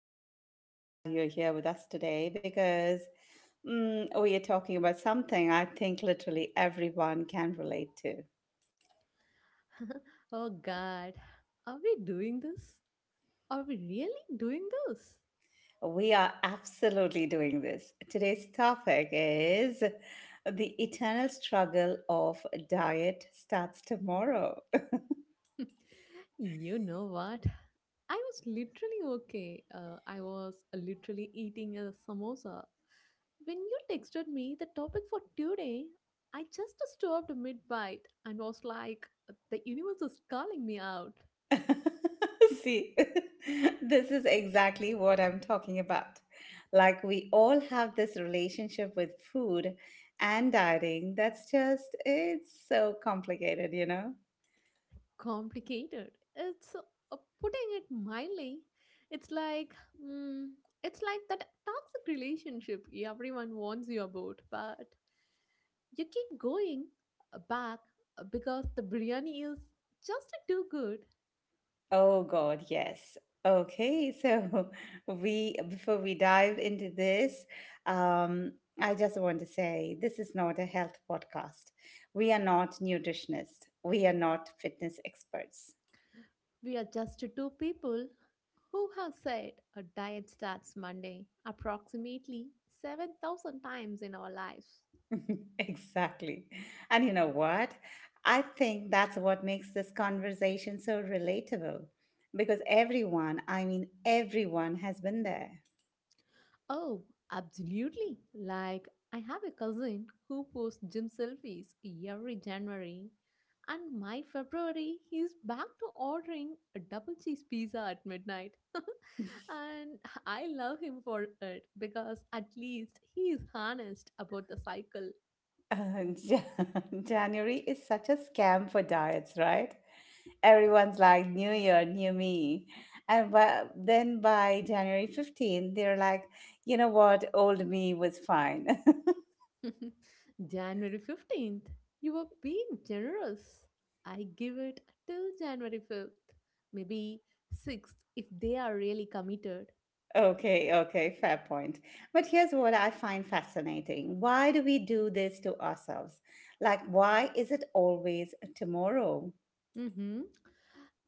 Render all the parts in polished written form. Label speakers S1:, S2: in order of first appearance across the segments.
S1: I'm so glad you're here with us today because we are talking about something I think literally everyone can relate to.
S2: Oh God, are we doing this? Are we really doing this?
S1: We are absolutely doing this. Today's topic is the eternal struggle of diet starts tomorrow.
S2: You know what? I was literally okay. I was literally eating a samosa. When you texted me the topic for today, I just stopped mid bite and was like, the universe is calling me out.
S1: See, this is exactly what I'm talking about. Like, we all have this relationship with food and dieting that's just, it's so complicated?
S2: Complicated. It's putting it mildly. It's like mm, it's like that toxic relationship everyone warns you about, but you keep going back because the biryani is just too good.
S1: Oh, God, yes. Okay, so before we dive into this, um, I just want to say this is not a health podcast. We are not nutritionists. We are not fitness experts.
S2: We are just two people who have said a diet starts Monday approximately 7,000 times in our lives.
S1: Exactly. And you know what? I think that's what makes this conversation so relatable because everyone, I mean, everyone has been there.
S2: Oh, absolutely. Like, I have a cousin who posts gym selfies every January, and my February, he's back to ordering a double cheese pizza at midnight. And I love him for it because at least he is honest about the cycle.
S1: Uh, Jan- January is such a scam for diets, right? Everyone's like, New Year, new me. And then by January 15th they're like, you know what? Old me was fine.
S2: January 15th, you are being generous. I give it till January 5th, maybe 6th if they are really committed.
S1: Okay, okay, fair point. But here's what I find fascinating. Why do we do this to ourselves? Like, why is it always tomorrow?
S2: Mm-hmm.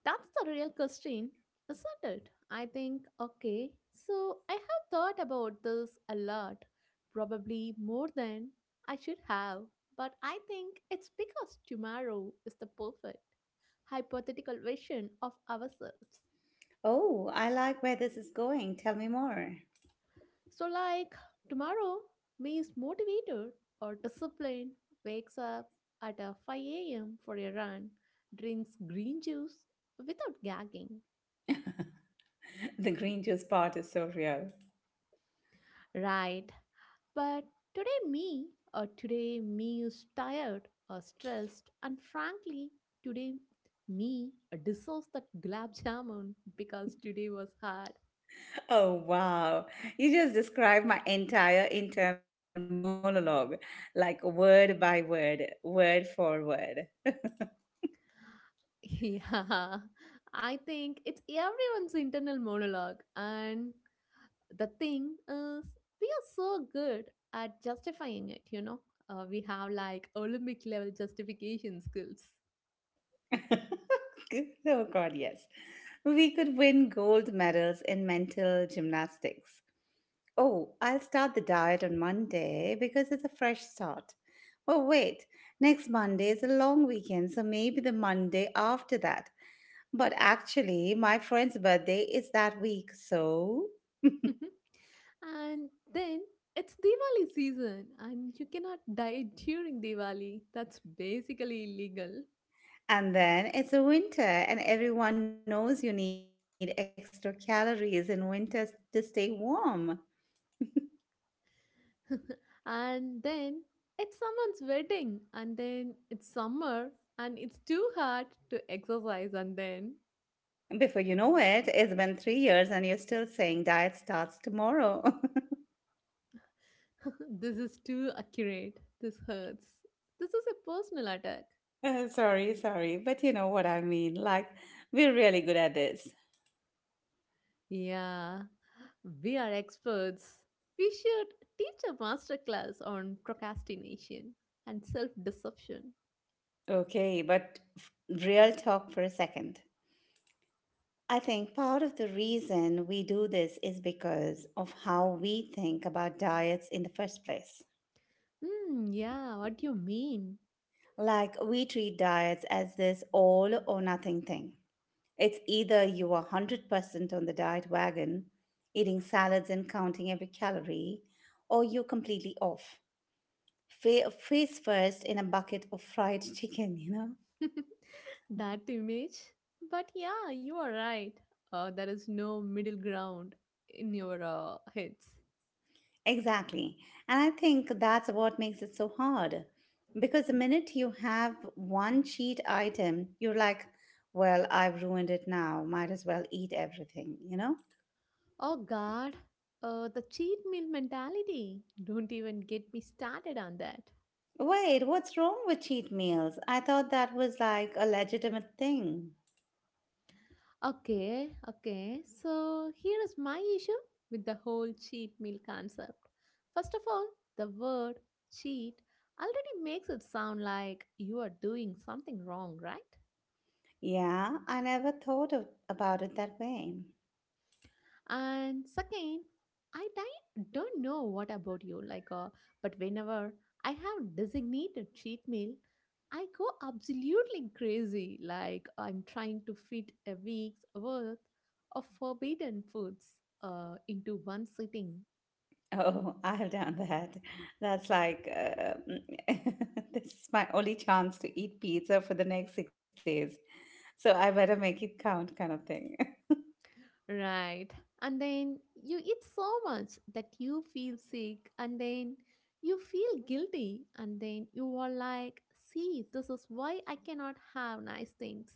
S2: That's the real question, isn't it? I think, okay, so I have thought about this a lot, probably more than I should have, but I think it's because tomorrow is the perfect hypothetical version of ourselves.
S1: Oh, I like where this is going. Tell me more.
S2: So, like, tomorrow me is motivated or disciplined, wakes up at 5 a.m. for a run, drinks green juice without gagging.
S1: The green juice part is so real.
S2: Right. But today, me, today, me is tired or stressed, and frankly, today, me deserves that gulab jamun because today was hard.
S1: Oh, wow. You just described my entire internal monologue, like word by word, word for word.
S2: Yeah, I think it's everyone's internal monologue, and the thing is, we are so good at justifying it. We have like Olympic level justification skills.
S1: Oh, God, yes. We could win gold medals in mental gymnastics. Oh, I'll start the diet on Monday because it's a fresh start. Oh, wait, next Monday is a long weekend, so maybe the Monday after that. But actually, my friend's birthday is that week, so.
S2: And then it's Diwali season, and you cannot die during Diwali. That's basically illegal.
S1: And then it's a winter, and everyone knows you need extra calories in winter to stay warm.
S2: And then it's someone's wedding, and then it's summer, and it's too hot to exercise, and then
S1: Before you know it, it's been 3 years, and you're still saying diet starts tomorrow.
S2: This is too accurate. This hurts. This is a personal attack.
S1: Sorry, sorry, but you know what I mean. Like, we're really good at this.
S2: Yeah, we are experts. We should teach a master class on procrastination and self deception.
S1: Okay, but real talk for a second. I think part of the reason we do this is because of how we think about diets in the first place.
S2: Hmm, yeah, what do you mean?
S1: Like, we treat diets as this all or nothing thing. It's either you are 100% on the diet wagon, eating salads and counting every calorie, or you're completely off. Face first in a bucket of fried chicken?
S2: That image. But yeah, you are right. There is no middle ground in your heads.
S1: Exactly. And I think that's what makes it so hard. Because the minute you have one cheat item, you're like, well, I've ruined it now. Might as well eat everything?
S2: Oh God, the cheat meal mentality. Don't even get me started on that.
S1: Wait, what's wrong with cheat meals? I thought that was like a legitimate thing.
S2: Okay, okay. So here is my issue with the whole cheat meal concept. First of all, the word cheat already makes it sound like you are doing something wrong, right?
S1: Yeah, I never thought about it that way.
S2: And second, I don't know what about you, like, but whenever I have designated cheat meal, I go absolutely crazy, like I'm trying to fit a week's worth of forbidden foods into one sitting.
S1: Oh, I've done that. That's like, this is my only chance to eat pizza for the next 6 days. So I better make it count, kind of thing.
S2: Right. And then you eat so much that you feel sick, and then you feel guilty, and then you are like, see, this is why I cannot have nice things.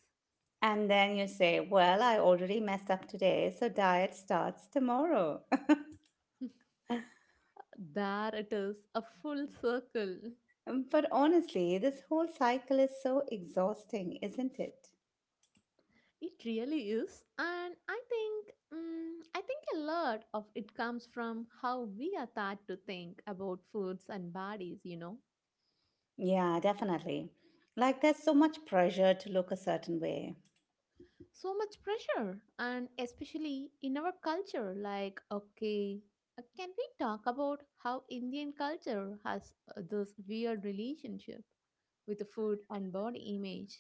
S1: And then you say, Well, I already messed up today, so diet starts tomorrow.
S2: There it is, a full circle.
S1: But honestly, this whole cycle is so exhausting, isn't it?
S2: It really is. And I think a lot of it comes from how we are taught to think about foods and bodies.
S1: Yeah, definitely. Like, there's so much pressure to look a certain way.
S2: So much pressure, and especially in our culture, like, okay, can we talk about how Indian culture has this weird relationship with the food and body image?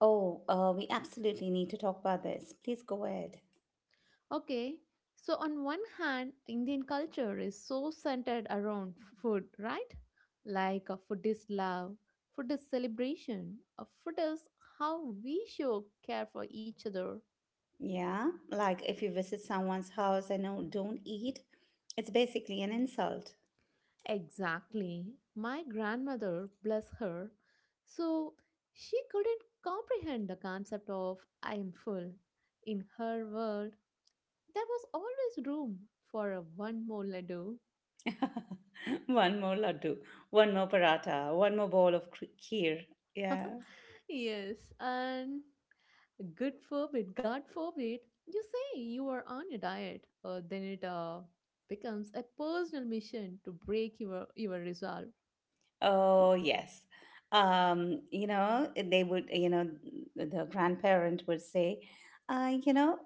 S1: Oh, we absolutely need to talk about this. Please go ahead.
S2: Okay, so on one hand, Indian culture is so centered around food, right? Like, food is love, food is celebration, food is how we show care for each other.
S1: Yeah, like if you visit someone's house and no, don't eat, it's basically an insult.
S2: Exactly. My grandmother, bless her, so she couldn't comprehend the concept of I am full. In her world, there was always room for a one more laddu.
S1: One more laddu, one more paratha, one more bowl of kheer. Yeah.
S2: Yes, and God forbid, you say you are on a diet, then it becomes a personal mission to break your resolve.
S1: Oh, yes. Um, you know, they would, you know, the grandparent would say, uh, you know,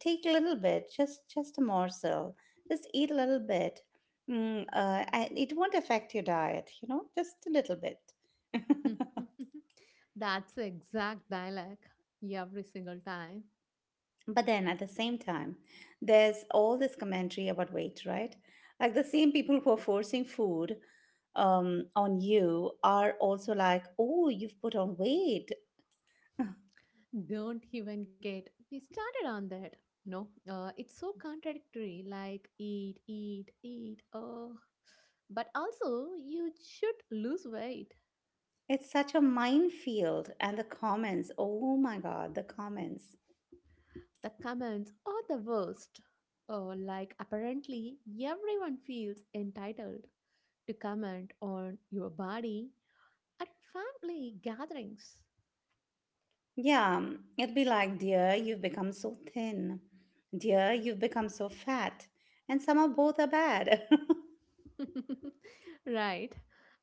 S1: take a little bit, just a morsel, just eat a little bit. It won't affect your diet, just a little bit.
S2: That's the exact dialogue every single time.
S1: But then at the same time, there's all this commentary about weight, right? Like the same people who are forcing food on you are also like, oh, you've put on weight.
S2: Don't even get me started on that. No, it's so contradictory. Like eat, eat, eat. Oh, but also you should lose weight.
S1: It's such a minefield. And the comments, oh my God, the comments.
S2: The comments are the worst. Oh, like apparently everyone feels entitled to comment on your body at family gatherings.
S1: Yeah, it'd be like, dear, you've become so thin. Dear, you've become so fat. And some of both are bad.
S2: Right.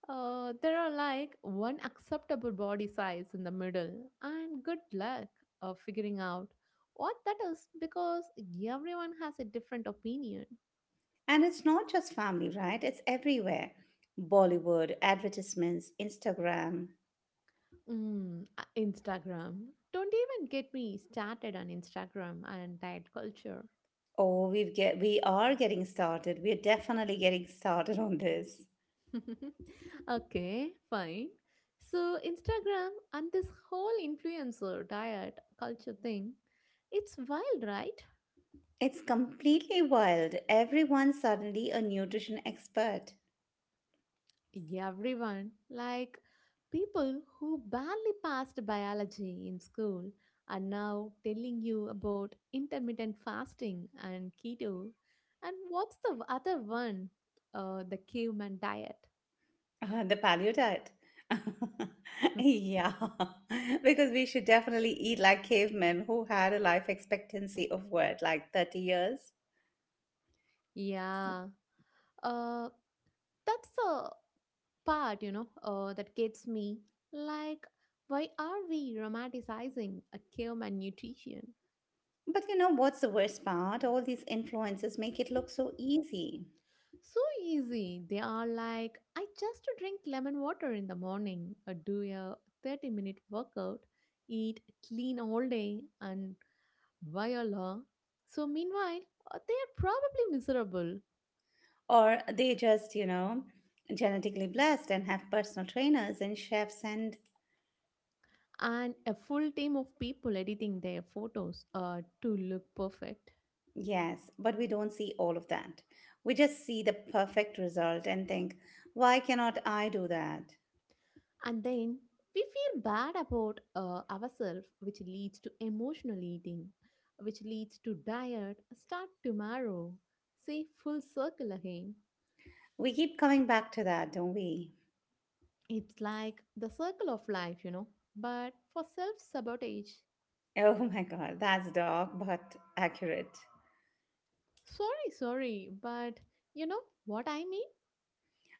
S2: There are like one acceptable body size in the middle, and good luck of figuring out what that is because everyone has a different opinion.
S1: And it's not just family, right? It's everywhere. Bollywood, advertisements, Instagram.
S2: Instagram. Don't even get me started on Instagram and diet culture.
S1: Oh, we are getting started. We are definitely getting started on this.
S2: Okay, fine. So, Instagram and this whole influencer diet culture thing, it's wild, right?
S1: It's completely wild. Everyone's suddenly a nutrition expert.
S2: Everyone, like people who barely passed biology in school, are now telling you about intermittent fasting and keto. And what's the other one? The caveman diet.
S1: The paleo diet. Yeah, because we should definitely eat like cavemen who had a life expectancy of what, like 30 years?
S2: Yeah, uh, that's the part that gets me. Like, why are we romanticizing a caveman nutrition?
S1: But you know what's the worst part? All these influences make it look so easy.
S2: So easy. They are like, I just drink lemon water in the morning, do a 30-minute workout, eat clean all day, and voila. So, meanwhile, they are probably miserable,
S1: Or they just genetically blessed and have personal trainers and chefs. And
S2: and a full team of people editing their photos to look perfect.
S1: yes, but we don't see all of that. We just see the perfect result and think, why cannot I do that?
S2: And then we feel bad about ourselves, which leads to emotional eating, which leads to diet, start tomorrow. Say full circle again.
S1: We keep coming back to that, don't we?
S2: It's like the circle of life, but for self sabotage.
S1: Oh my God, that's dark but accurate.
S2: Sorry, sorry, but you know what I mean?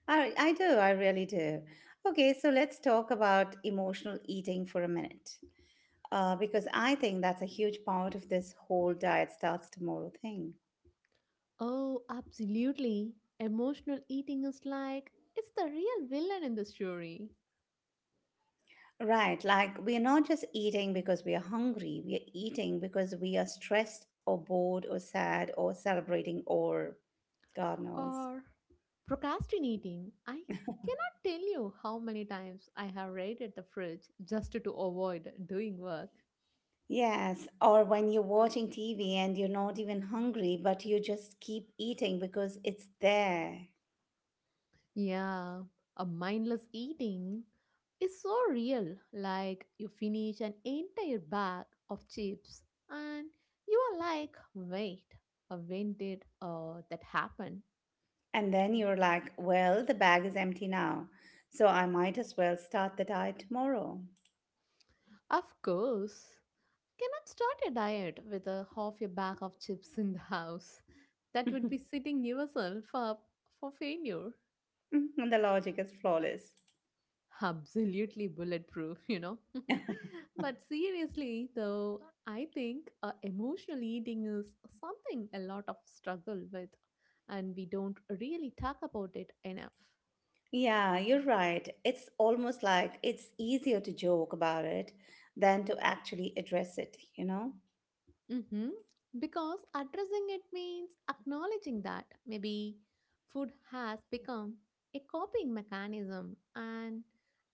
S1: I do, I really do. Okay, so let's talk about emotional eating for a minute, because I think that's a huge part of this whole diet starts tomorrow thing.
S2: Oh, absolutely. Emotional eating is like it's the real villain in the story.
S1: Right, like we are not just eating because we are hungry, we are eating because we are stressed or bored or sad or celebrating or God knows.
S2: Or procrastinating. I cannot tell you how many times I have raided the fridge just to avoid doing work.
S1: Yes, or when you're watching TV and you're not even hungry, but you just keep eating because it's there.
S2: Yeah, a mindless eating is so real. Like you finish an entire bag of chips and you are like, wait, when did that happen?
S1: And then you're like, well, the bag is empty now, so I might as well start the diet tomorrow.
S2: Of course, cannot start a diet with a half a bag of chips in the house. That would
S1: And
S2: be setting yourself up for failure.
S1: the logic is flawless.
S2: Absolutely bulletproof. But seriously, though, I think emotional eating is something a lot of struggle with, and we don't really talk about it enough.
S1: Yeah, you're right. It's almost like it's easier to joke about it than to actually address it?
S2: hmm Because addressing it means acknowledging that maybe food has become a coping mechanism, and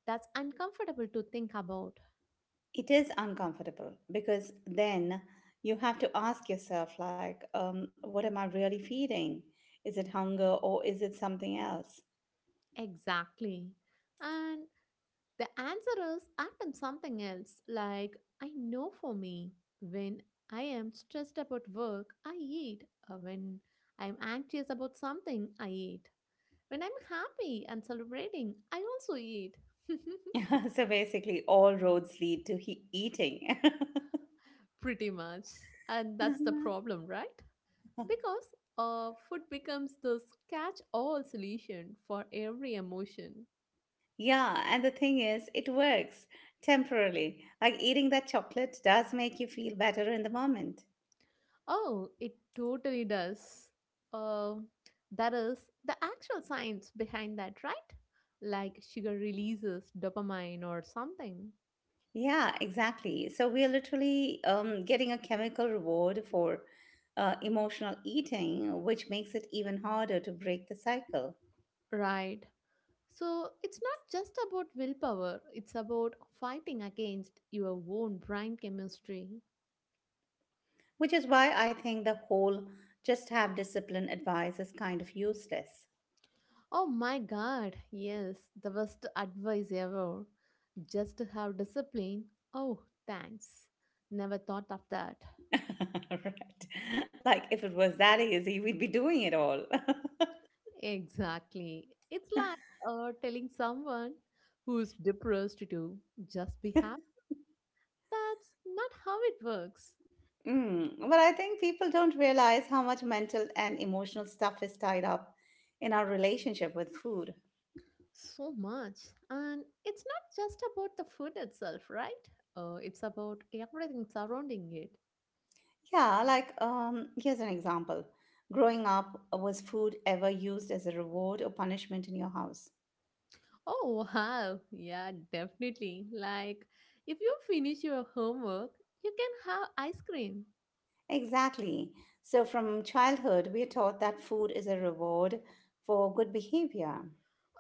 S2: that's uncomfortable to think about.
S1: It is uncomfortable because then you have to ask yourself, like, what am I really feeding? Is it hunger or is it something else?
S2: Exactly. And the answer is often something else, like I know for me, when I am stressed about work, I eat. Or when I am anxious about something, I eat. When I'm happy and celebrating, I also eat.
S1: So basically, all roads lead to he eating.
S2: Pretty much. And that's the
S1: Uh-huh.
S2: problem, right? Because food becomes this catch all solution for every emotion.
S1: Yeah, and the thing is, it works temporarily. Like eating that chocolate does make you feel better in the moment.
S2: Oh, it totally does. Uh, that is the actual science behind that, right? Like sugar releases dopamine or something.
S1: Yeah, exactly. So we are literally getting a chemical reward for emotional eating, which makes it even harder to break the cycle,
S2: Right. So it's not just about willpower, it's about fighting against your own brain chemistry.
S1: which is why I think the whole just have discipline advice is kind of useless.
S2: Oh my God, yes, the best advice ever. Just to have discipline. Oh, thanks. Never thought of that.
S1: Right. Like if it was that easy, we'd be doing it all.
S2: Exactly. It's like telling someone who's depressed to just be happy. That's not how it works
S1: But I think people don't realize how much mental and emotional stuff is tied up in our relationship with food.
S2: so much. And it's not just about the food itself, right? It's about everything surrounding it.
S1: Yeah, like here's an example. Growing up, was food ever used as a reward or punishment in your house?
S2: Oh, wow. Yeah, definitely. Like, if you finish your homework, you can have ice cream.
S1: Exactly. So from childhood, we are taught that food is a reward for good behavior.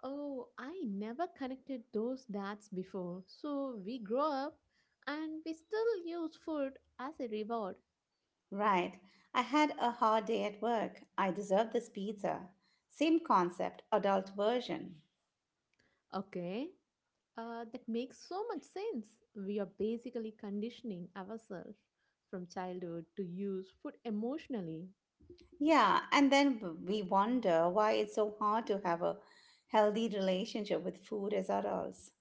S2: Oh, I never connected those dots before. So we grow up and we still use food as a reward.
S1: Right. I had a hard day at work. I deserve this pizza. Same concept, adult version.
S2: Okay, that makes so much sense. We are basically conditioning ourselves from childhood to use food emotionally.
S1: Yeah, and then we wonder why it's so hard to have a healthy relationship with food as adults.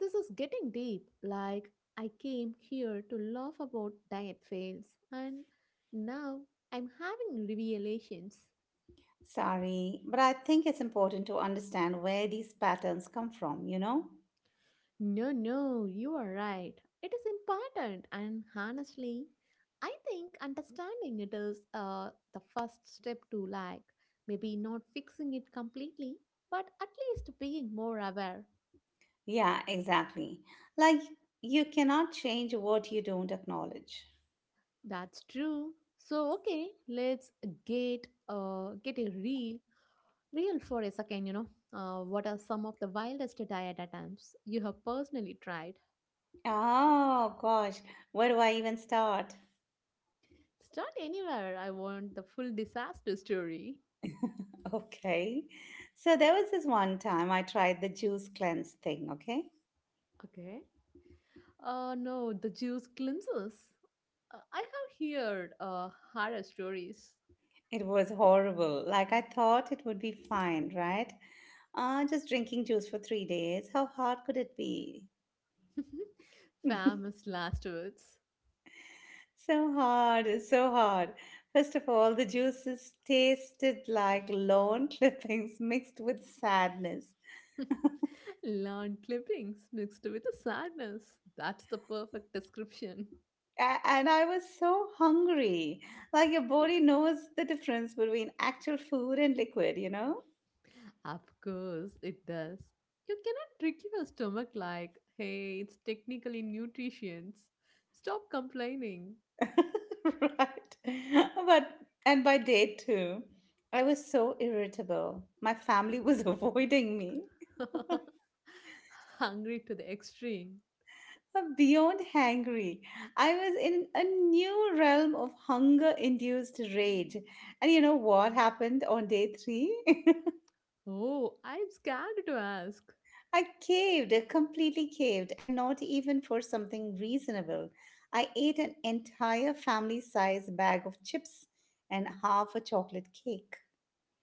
S2: This is getting deep. Like, I came here to laugh about diet fails, and now I'm having revelations.
S1: Sorry, but I think it's important to understand where these patterns come from?
S2: No, no, you are right. It is important, and honestly, I think understanding it is the first step to like maybe not fixing it completely, but at least being more aware.
S1: Yeah, exactly. Like, you cannot change what you don't acknowledge.
S2: That's true. So, okay, let's get a real for a second. You know, what are some of the wildest diet attempts you have personally tried?
S1: Oh, gosh, where do I even start?
S2: Start anywhere. I want the full disaster story.
S1: Okay. So, there was this one time I tried the juice cleanse thing, okay?
S2: Okay. No, the juice cleanses. I have heard horror stories.
S1: It was horrible. Like, I thought it would be fine, right? Just drinking juice for 3 days. How hard could it be?
S2: Famous last words.
S1: So hard, it's so hard. First of all, the juices tasted like lawn clippings mixed with sadness.
S2: Lawn clippings mixed with a sadness. That's the perfect description.
S1: And I was so hungry. Like your body knows the difference between actual food and liquid?
S2: Of course, it does. You cannot trick your stomach like, hey, it's technically nutrients. Stop complaining.
S1: Right. And by day two, I was so irritable. My family was avoiding me.
S2: Hungry to the extreme.
S1: Beyond hangry, I was in a new realm of hunger induced rage. And you know what happened on day three?
S2: Oh, I'm scared to ask.
S1: I caved, completely caved, and not even for something reasonable. I ate an entire family size bag of chips and half a chocolate cake.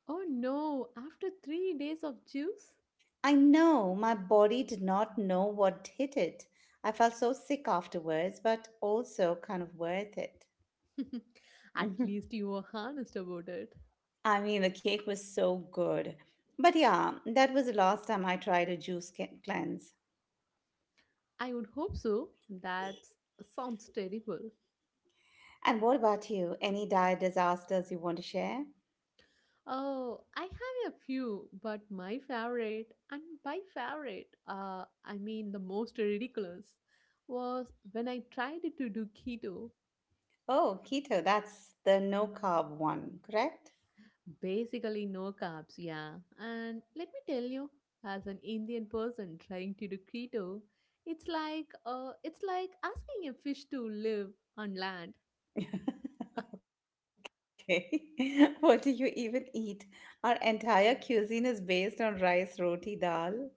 S2: Oh no, after 3 days of juice?
S1: I know my body did not know what hit it. I felt so sick afterwards, but also kind of worth it.
S2: At least you were honest about it.
S1: I mean, the cake was so good. But yeah, that was the last time I tried a juice cleanse.
S2: I would hope so. That sounds terrible.
S1: And what about you? Any diet disasters you want to share?
S2: Oh, I have a few, but my favorite, and by favorite, I mean the most ridiculous, was when I tried to do keto.
S1: Oh, keto, that's the no carb one, correct?
S2: Basically, no carbs, yeah. And let me tell you, as an Indian person trying to do keto, it's like asking a fish to live on land.
S1: Okay. What do you even eat? Our entire cuisine is based on rice, roti, dal.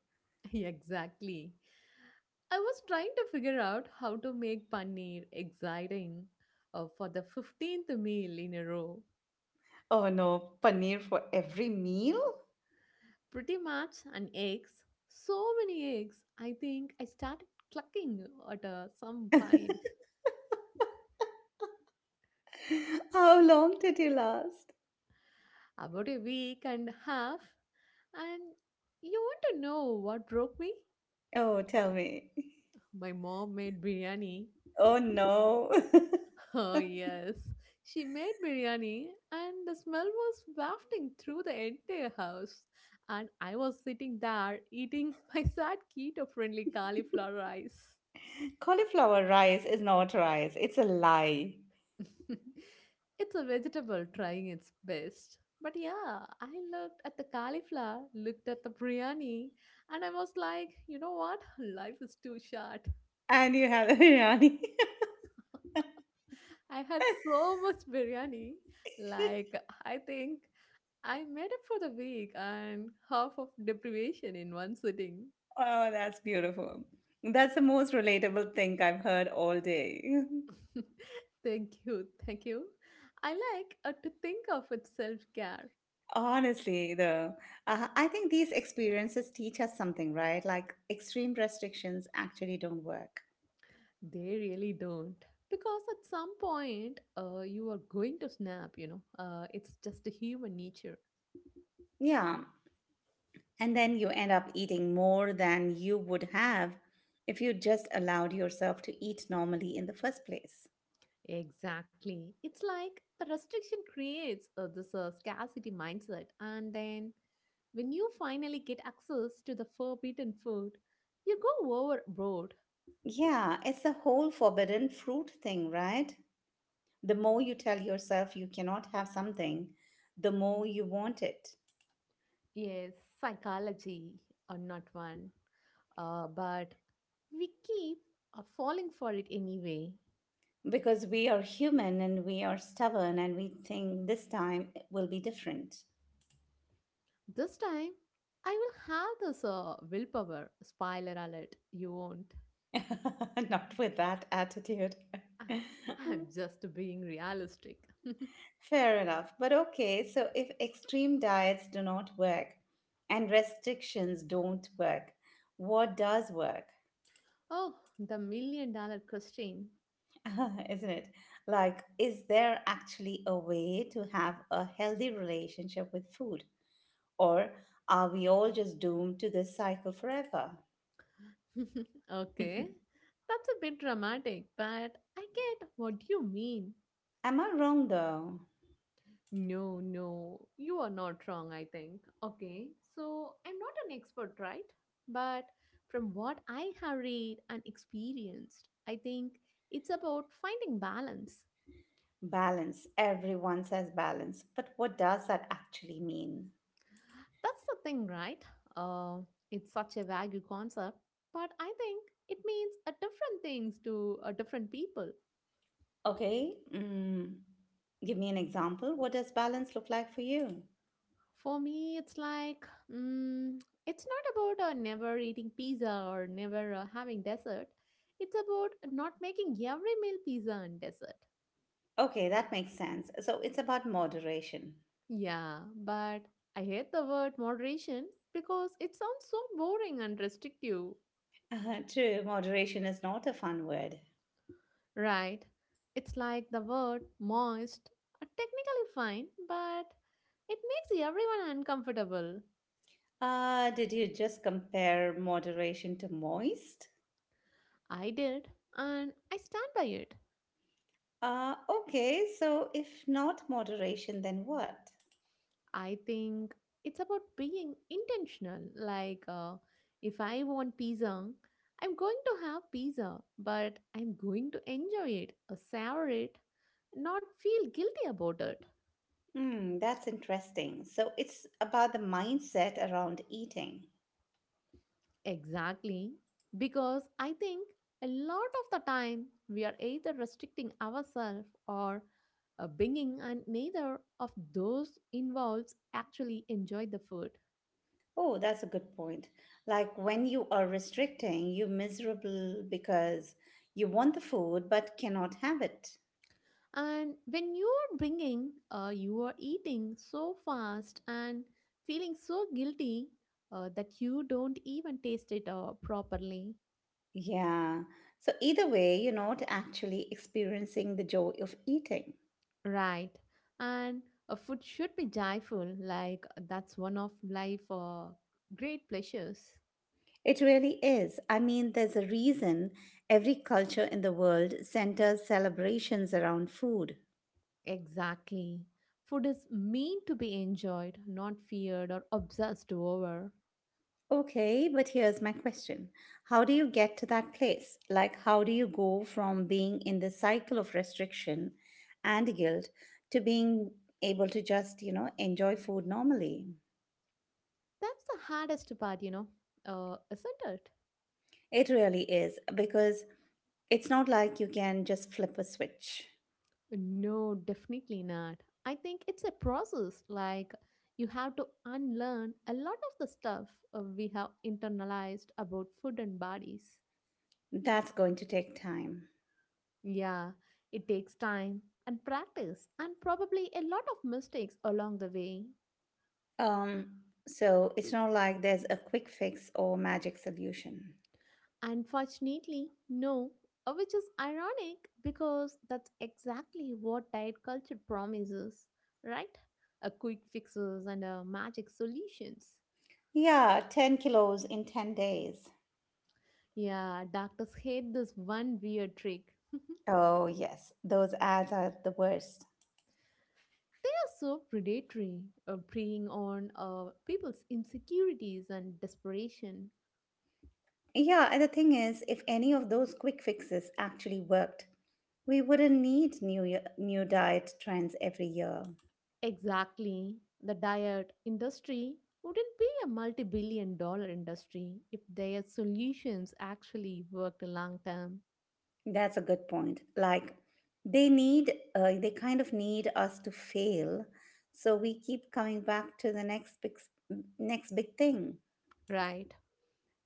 S2: Exactly. I was trying to figure out how to make paneer exciting for the 15th meal in a row.
S1: Oh no, paneer for every meal?
S2: Pretty much an eggs, so many eggs. I think I started clucking at some point.
S1: How long did you last?
S2: About a week and a half, and you want to know what broke me?
S1: Oh, tell me.
S2: My mom made biryani.
S1: Oh no.
S2: Oh, yes. She made biryani, and the smell was wafting through the entire house. And I was sitting there eating my sad keto friendly cauliflower rice.
S1: Cauliflower rice is not rice, it's a lie.
S2: It's a vegetable trying its best. But yeah, I looked at the cauliflower, looked at the biryani, and I was like, you know what? Life is too short.
S1: And you have biryani.
S2: I had so much biryani. Like, I think I made up for the week and half of deprivation in one sitting.
S1: Oh, that's beautiful. That's the most relatable thing I've heard all day.
S2: thank you, thank you. I like to think of it self care.
S1: Honestly, though, I think these experiences teach us something, right? Like extreme restrictions actually don't work.
S2: They really don't. Because at some point, you are going to snap. It's just a human nature.
S1: Yeah. And then you end up eating more than you would have if you just allowed yourself to eat normally in the first place.
S2: Exactly. It's like the restriction creates this scarcity mindset. And then when you finally get access to the forbidden food, you go overboard.
S1: Yeah, it's the whole forbidden fruit thing, right? The more you tell yourself you cannot have something, the more you want it.
S2: Yes, psychology or not one. But we keep falling for it anyway.
S1: Because we are human and we are stubborn and we think this time it will be different.
S2: This time, I will have this willpower. Spoiler alert, you won't.
S1: Not with that attitude.
S2: I'm just being realistic.
S1: Fair enough. But okay, so if extreme diets do not work and restrictions don't work, what does work?
S2: Oh, the million dollar question.
S1: Isn't it? Like, is there actually a way to have a healthy relationship with food? Or are we all just doomed to this cycle forever?
S2: Okay. That's a bit dramatic, but I get what you mean.
S1: Am I wrong though?
S2: No, no, you are not wrong, I think. Okay, so I'm not an expert, right? But from what I have read and experienced, I think it's about finding balance.
S1: Balance. Everyone says balance, but what does that actually mean?
S2: That's the thing, right? Uh, it's such a vague concept, but I think it means a different things to a different people.
S1: Okay, give me an example. What does balance look like for you?
S2: For me, it's like mm, it's not about never eating pizza or never having dessert. It's about not making every meal pizza and dessert.
S1: Okay, that makes sense. So it's about moderation.
S2: Yeah, but I hate the word moderation because it sounds so boring and restrictive.
S1: True, moderation is not a fun word.
S2: Right? It's like the word moist, technically fine, but it makes everyone uncomfortable.
S1: Did you just compare moderation to moist?
S2: I did, and I stand by it.
S1: Okay, so if not moderation, then what?
S2: I think it's about being intentional. Like, if I want pizza, I'm going to have pizza, but I'm going to enjoy it, savor it, not feel guilty about it.
S1: Hmm, that's interesting. So it's about the mindset around eating.
S2: Exactly. Because I think a lot of the time we are either restricting ourselves or binging, and neither of those involves actually enjoy the food.
S1: Oh, that's a good point. Like when you are restricting, you're miserable because you want the food but cannot have it.
S2: And when you're bringing, you are eating so fast and feeling so guilty that you don't even taste it properly.
S1: Yeah. So either way, you're not actually experiencing the joy of eating.
S2: Right. And food should be joyful. Like that's one of life great pleasures.
S1: It really is. I mean, there's a reason every culture in the world centers celebrations around food.
S2: Exactly. Food is meant to be enjoyed, not feared or obsessed over.
S1: Okay, but here's my question. How do you get to that place? Like, how do you go from being in the cycle of restriction and guilt to being able to just, enjoy food normally?
S2: That's the hardest part, isn't it?
S1: It really is, because it's not like you can just flip a switch.
S2: No, definitely not. I think it's a process. Like, you have to unlearn a lot of the stuff we have internalized about food and bodies.
S1: That's going to take time.
S2: Yeah, it takes time and practice, and probably a lot of mistakes along the way.
S1: Um, so it's not like there's a quick fix or magic solution.
S2: Unfortunately, no, which is ironic because that's exactly what diet culture promises, right? A quick fixes and magic solutions.
S1: Yeah, 10 kilos in 10 days.
S2: Yeah, doctors hate this one weird trick.
S1: Oh, yes, those ads are the worst.
S2: They are so predatory, preying on people's insecurities and desperation.
S1: Yeah, and the thing is, if any of those quick fixes actually worked, we wouldn't need new diet trends every year.
S2: Exactly. The diet industry wouldn't be a multi billion dollar industry if their solutions actually worked long term.
S1: That's a good point. Like they need they kind of need us to fail, so we keep coming back to the next big thing.
S2: Right.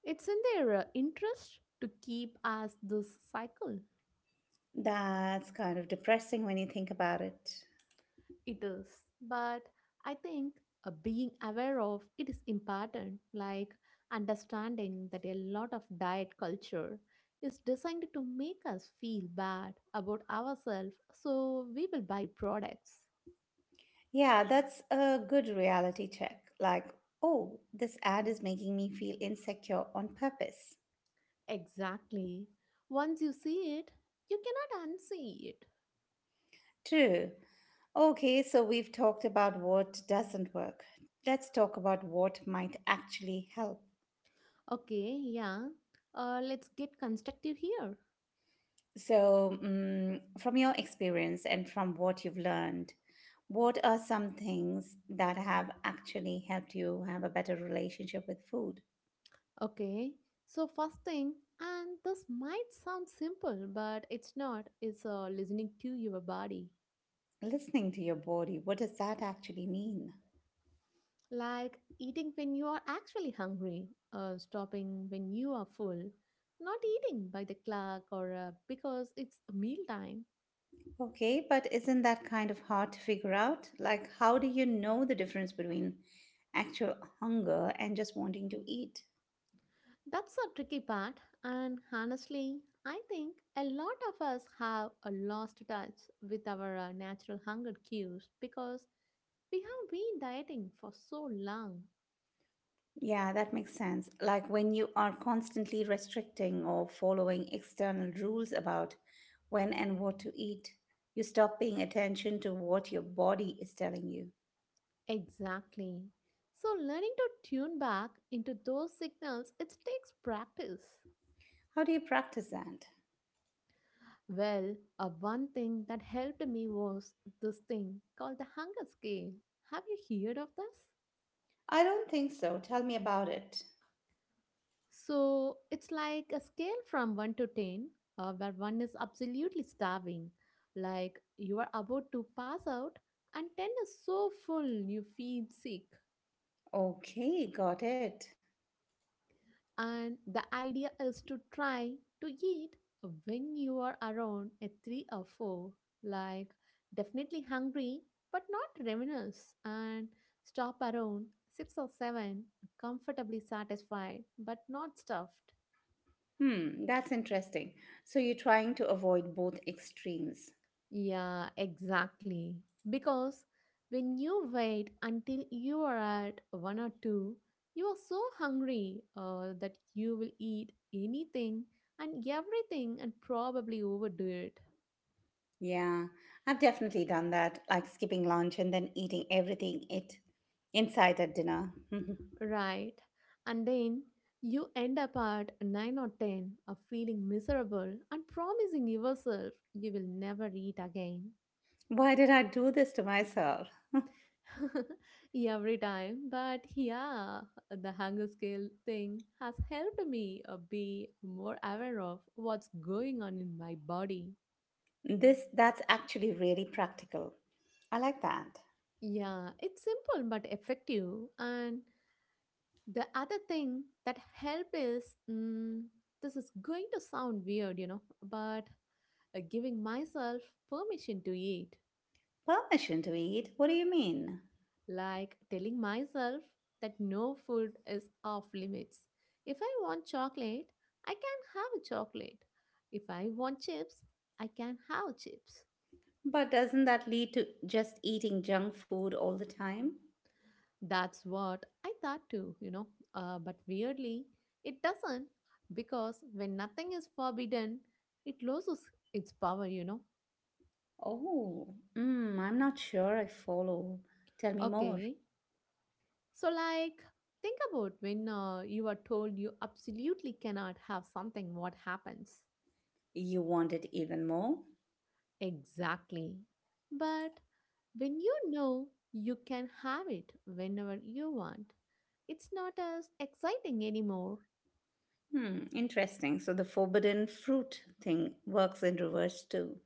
S2: It's in their interest to keep us this cycle.
S1: That's kind of depressing when you think about it.
S2: It is, but I think being aware of it is important, like understanding that a lot of diet culture is designed to make us feel bad about ourselves so we will buy products.
S1: Yeah, that's a good reality check. Like, oh, this ad is making me feel insecure on purpose.
S2: Exactly. Once you see it, you cannot unsee it.
S1: True. Okay, so we've talked about what doesn't work. Let's talk about what might actually help.
S2: Okay, yeah. Let's get constructive here.
S1: So, from your experience and from what you've learned, what are some things that have actually helped you have a better relationship with food?
S2: Okay, so first thing, and this might sound simple, but it's not, is listening to your body.
S1: Listening to your body, what does that actually mean?
S2: Like eating when you are actually hungry, stopping when you are full, not eating by the clock or because it's mealtime.
S1: Okay, but isn't that kind of hard to figure out? Like, how do you know the difference between actual hunger and just wanting to eat?
S2: That's a tricky part, and honestly, I think a lot of us have a lost touch with our natural hunger cues because we have been dieting for so long.
S1: Yeah, that makes sense. Like when you are constantly restricting or following external rules about when and what to eat, you stop paying attention to what your body is telling you.
S2: Exactly. So learning to tune back into those signals it takes practice.
S1: How do you practice that?
S2: Well, one thing that helped me was this thing called the hunger scale. Have you heard of this?
S1: I don't think so. Tell me about it.
S2: So it's like a scale from 1 to 10 where one is absolutely starving, like you are about to pass out, and 10 is so full you feel sick.
S1: Okay, got it.
S2: And the idea is to try to eat when you are around a 3 or 4, like definitely hungry but not ravenous, and stop around 6 or 7, comfortably satisfied but not stuffed.
S1: Hmm, that's interesting. So you're trying to avoid both extremes.
S2: Yeah, exactly. Because when you wait until you are at 1 or 2, you are so hungry that you will eat anything and everything and probably overdo it.
S1: Yeah, I've definitely done that, like skipping lunch and then eating everything it inside at dinner.
S2: Right. And then you end up at 9 or 10 of feeling miserable and promising yourself you will never eat again.
S1: Why did I do this to myself?
S2: Every time. But yeah, the hunger scale thing has helped me be more aware of what's going on in my body.
S1: This That's actually really practical. I like that.
S2: Yeah, it's simple but effective. And the other thing that help is this is going to sound weird, but giving myself permission to eat,
S1: Permission to eat? What do you mean?
S2: like telling myself that no food is off limits. If I want chocolate, I can have a chocolate. If I want chips, I can have chips.
S1: But doesn't that lead to just eating junk food all the time?
S2: That's what I thought too. But weirdly, it doesn't because when nothing is forbidden, it loses its power.
S1: Oh, I'm not sure I follow. Tell me more.
S2: Okay, so, like, think about when you are told you absolutely cannot have something, what happens?
S1: You want it even more?
S2: Exactly. But when you know you can have it whenever you want, it's not as exciting anymore.
S1: Hmm, interesting. So the forbidden fruit thing works in reverse too.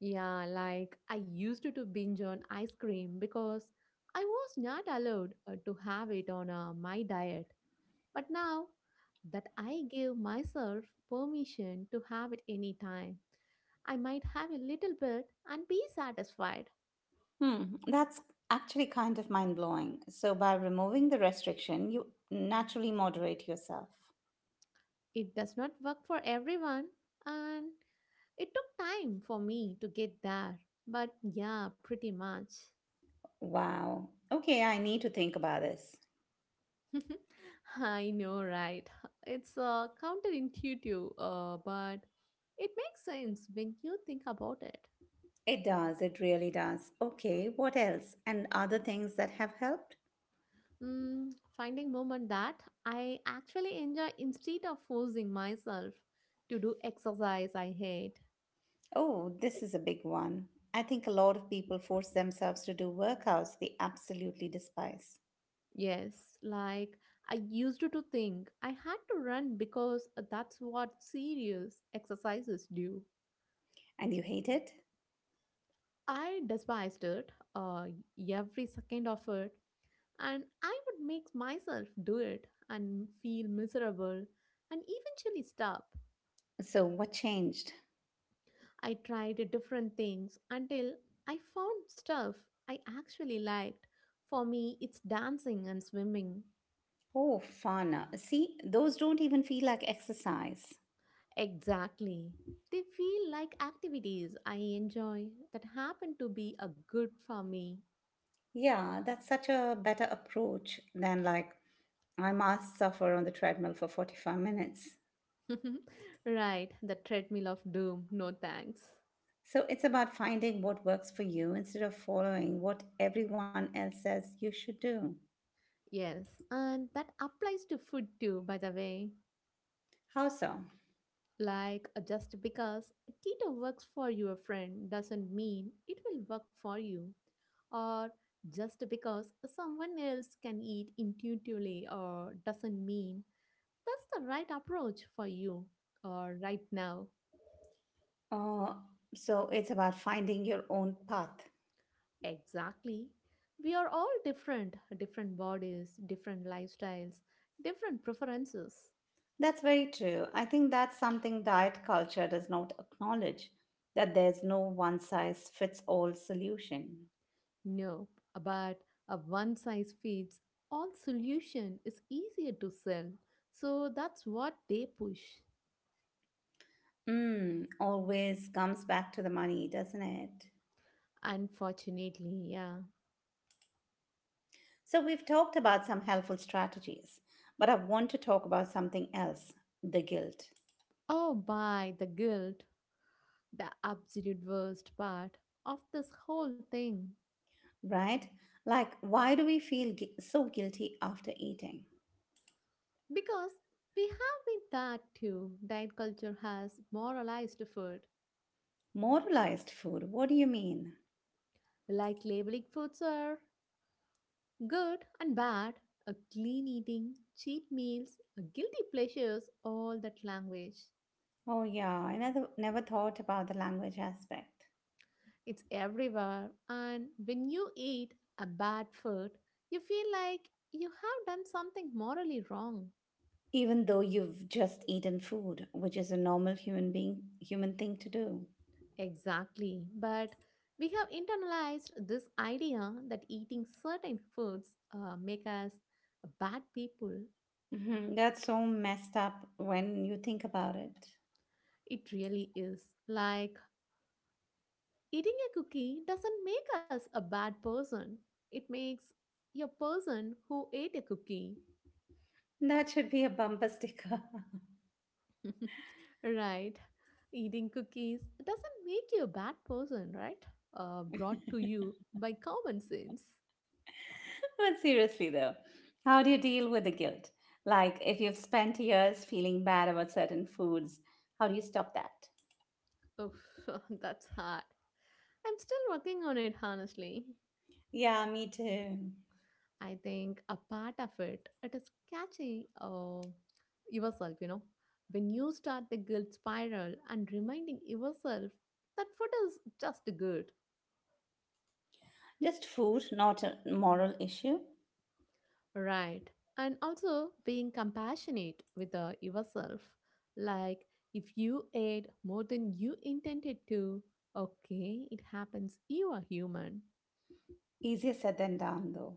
S2: Yeah, like I used to binge on ice cream because I was not allowed to have it on my diet. But now that I give myself permission to have it anytime, I might have a little bit and be satisfied.
S1: Hmm, that's actually kind of mind blowing. So by removing the restriction, you naturally moderate yourself.
S2: It does not work for everyone, and it took time for me to get there. But yeah, pretty much.
S1: Wow. Okay, I need to think about this.
S2: I know, right? It's counterintuitive, but it makes sense when you think about it.
S1: It does, it really does. Okay, what else? And other things that have helped?
S2: Finding moment that I actually enjoy instead of forcing myself to do exercise I hate.
S1: Oh, this is a big one. I think a lot of people force themselves to do workouts they absolutely despise.
S2: Yes, like I used to think I had to run because that's what serious exercises do.
S1: And you hate it?
S2: I despised it, every second of it, and I would make myself do it and feel miserable and eventually stop.
S1: So, what changed?
S2: I tried different things until I found stuff I actually liked. For me, it's dancing and swimming.
S1: Oh, fun. See, those don't even feel like exercise.
S2: Exactly. They feel like activities I enjoy that happen to be a good for me.
S1: Yeah, that's such a better approach than like, I must suffer on the treadmill for 45 minutes.
S2: Right, the treadmill of doom, no thanks.
S1: So it's about finding what works for you instead of following what everyone else says you should do.
S2: Yes, and that applies to food too, by the way.
S1: How so?
S2: Like, just because keto works for your friend doesn't mean it will work for you. Or just because someone else can eat intuitively or doesn't mean that's the right approach for you or right now.
S1: Uh, so it's about finding your own path.
S2: Exactly. We are all different, different bodies, different lifestyles, different preferences.
S1: That's very true. I think that's something diet culture does not acknowledge, that there's no one size fits all solution.
S2: No, but a one size fits all solution is easier to sell. So that's what they push.
S1: Always comes back to the money, doesn't it?
S2: Unfortunately, yeah.
S1: So we've talked about some helpful strategies, but I want to talk about something else, the guilt.
S2: Oh, by the guilt, the absolute worst part of this whole thing.
S1: Right? Like, why do we feel so guilty after eating?
S2: Because we have been that too. Diet culture has moralized food,
S1: Moralized food, what do you mean?
S2: like labeling foods are good and bad, a clean eating, cheat meals, a guilty pleasures, all that language.
S1: Oh, yeah, I never thought about the language aspect.
S2: It's everywhere, and when you eat a bad food, you feel like you have done something morally wrong.
S1: Even though you've just eaten food, which is a normal human thing to do.
S2: Exactly, but we have internalized this idea that eating certain foods make us bad people.
S1: That's so messed up when you think about it.
S2: It really is. Like eating a cookie doesn't make us a bad person. It makes a person who ate a cookie.
S1: That should be a bumper sticker.
S2: Right. Eating cookies doesn't make you a bad person, right? Brought to you by common sense.
S1: But seriously, though, how do you deal with the guilt? Like, if you've spent years feeling bad about certain foods, how do you stop that?
S2: Oof, that's hard. I'm still working on it, honestly.
S1: Yeah, me too.
S2: I think a part of it is catching yourself. When you start the guilt spiral and reminding yourself that food is just good,
S1: Just food, not a moral issue.
S2: Right. And also being compassionate with yourself. Like if you ate more than you intended to, okay, it happens. You are human.
S1: Easier said than done, though.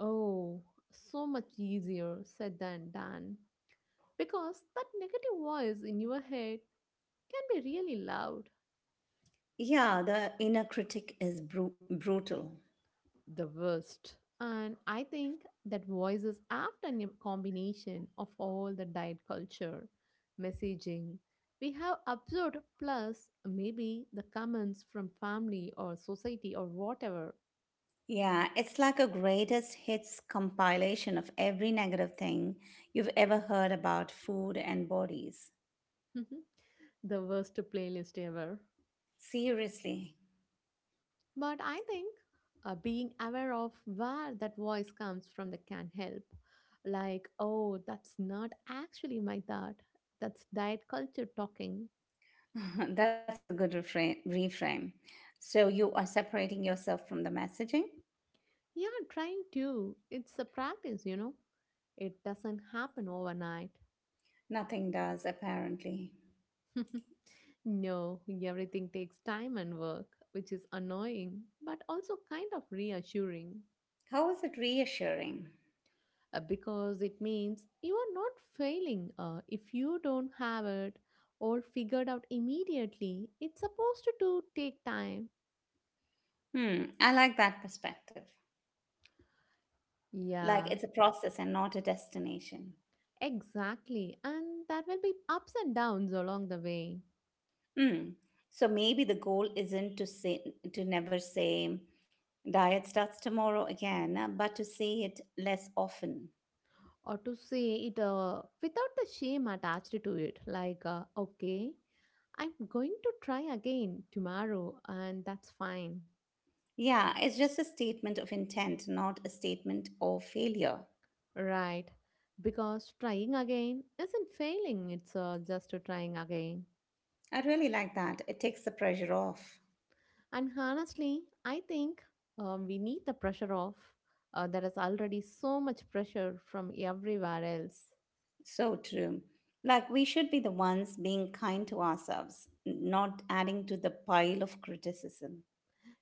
S2: Oh, so much easier said than done. Because that negative voice in your head can be really loud.
S1: Yeah, the inner critic is brutal.
S2: The worst. And I think that voice is often a combination of all the diet culture, messaging we have absorbed, plus maybe the comments from family or society or whatever.
S1: Yeah, it's like a greatest hits compilation of every negative thing you've ever heard about food and bodies.
S2: The worst playlist ever.
S1: Seriously,
S2: But I think being aware of where that voice comes from that can help. Like, oh, that's not actually my thought. That's diet culture talking.
S1: that's a good reframe. So you are separating yourself from the messaging?
S2: Yeah, trying to. It's a practice. It doesn't happen overnight.
S1: Nothing does, apparently.
S2: No, everything takes time and work, which is annoying, but also kind of reassuring
S1: How is it reassuring?
S2: because it means you are not failing if you don't have it or figured out immediately. It's supposed to take time.
S1: Hmm, I like that perspective. Like
S2: Yeah,
S1: it's a process and not a destination.
S2: exactly. And there will be ups and downs along the way.
S1: Mm. so maybe the goal isn't to say, to never say, diet starts tomorrow again, but to say it less often.
S2: Or to say it without the shame attached to it, like, okay, I'm going to try again tomorrow and that's fine.
S1: Yeah, it's just a statement of intent, not a statement of failure.
S2: Right, because trying again isn't failing, it's just to trying again.
S1: I really like that. It takes the pressure off.
S2: And honestly, I think we need the pressure off. There is already so much pressure from everywhere else.
S1: So true. Like, we should be the ones being kind to ourselves, not adding to the pile of criticism,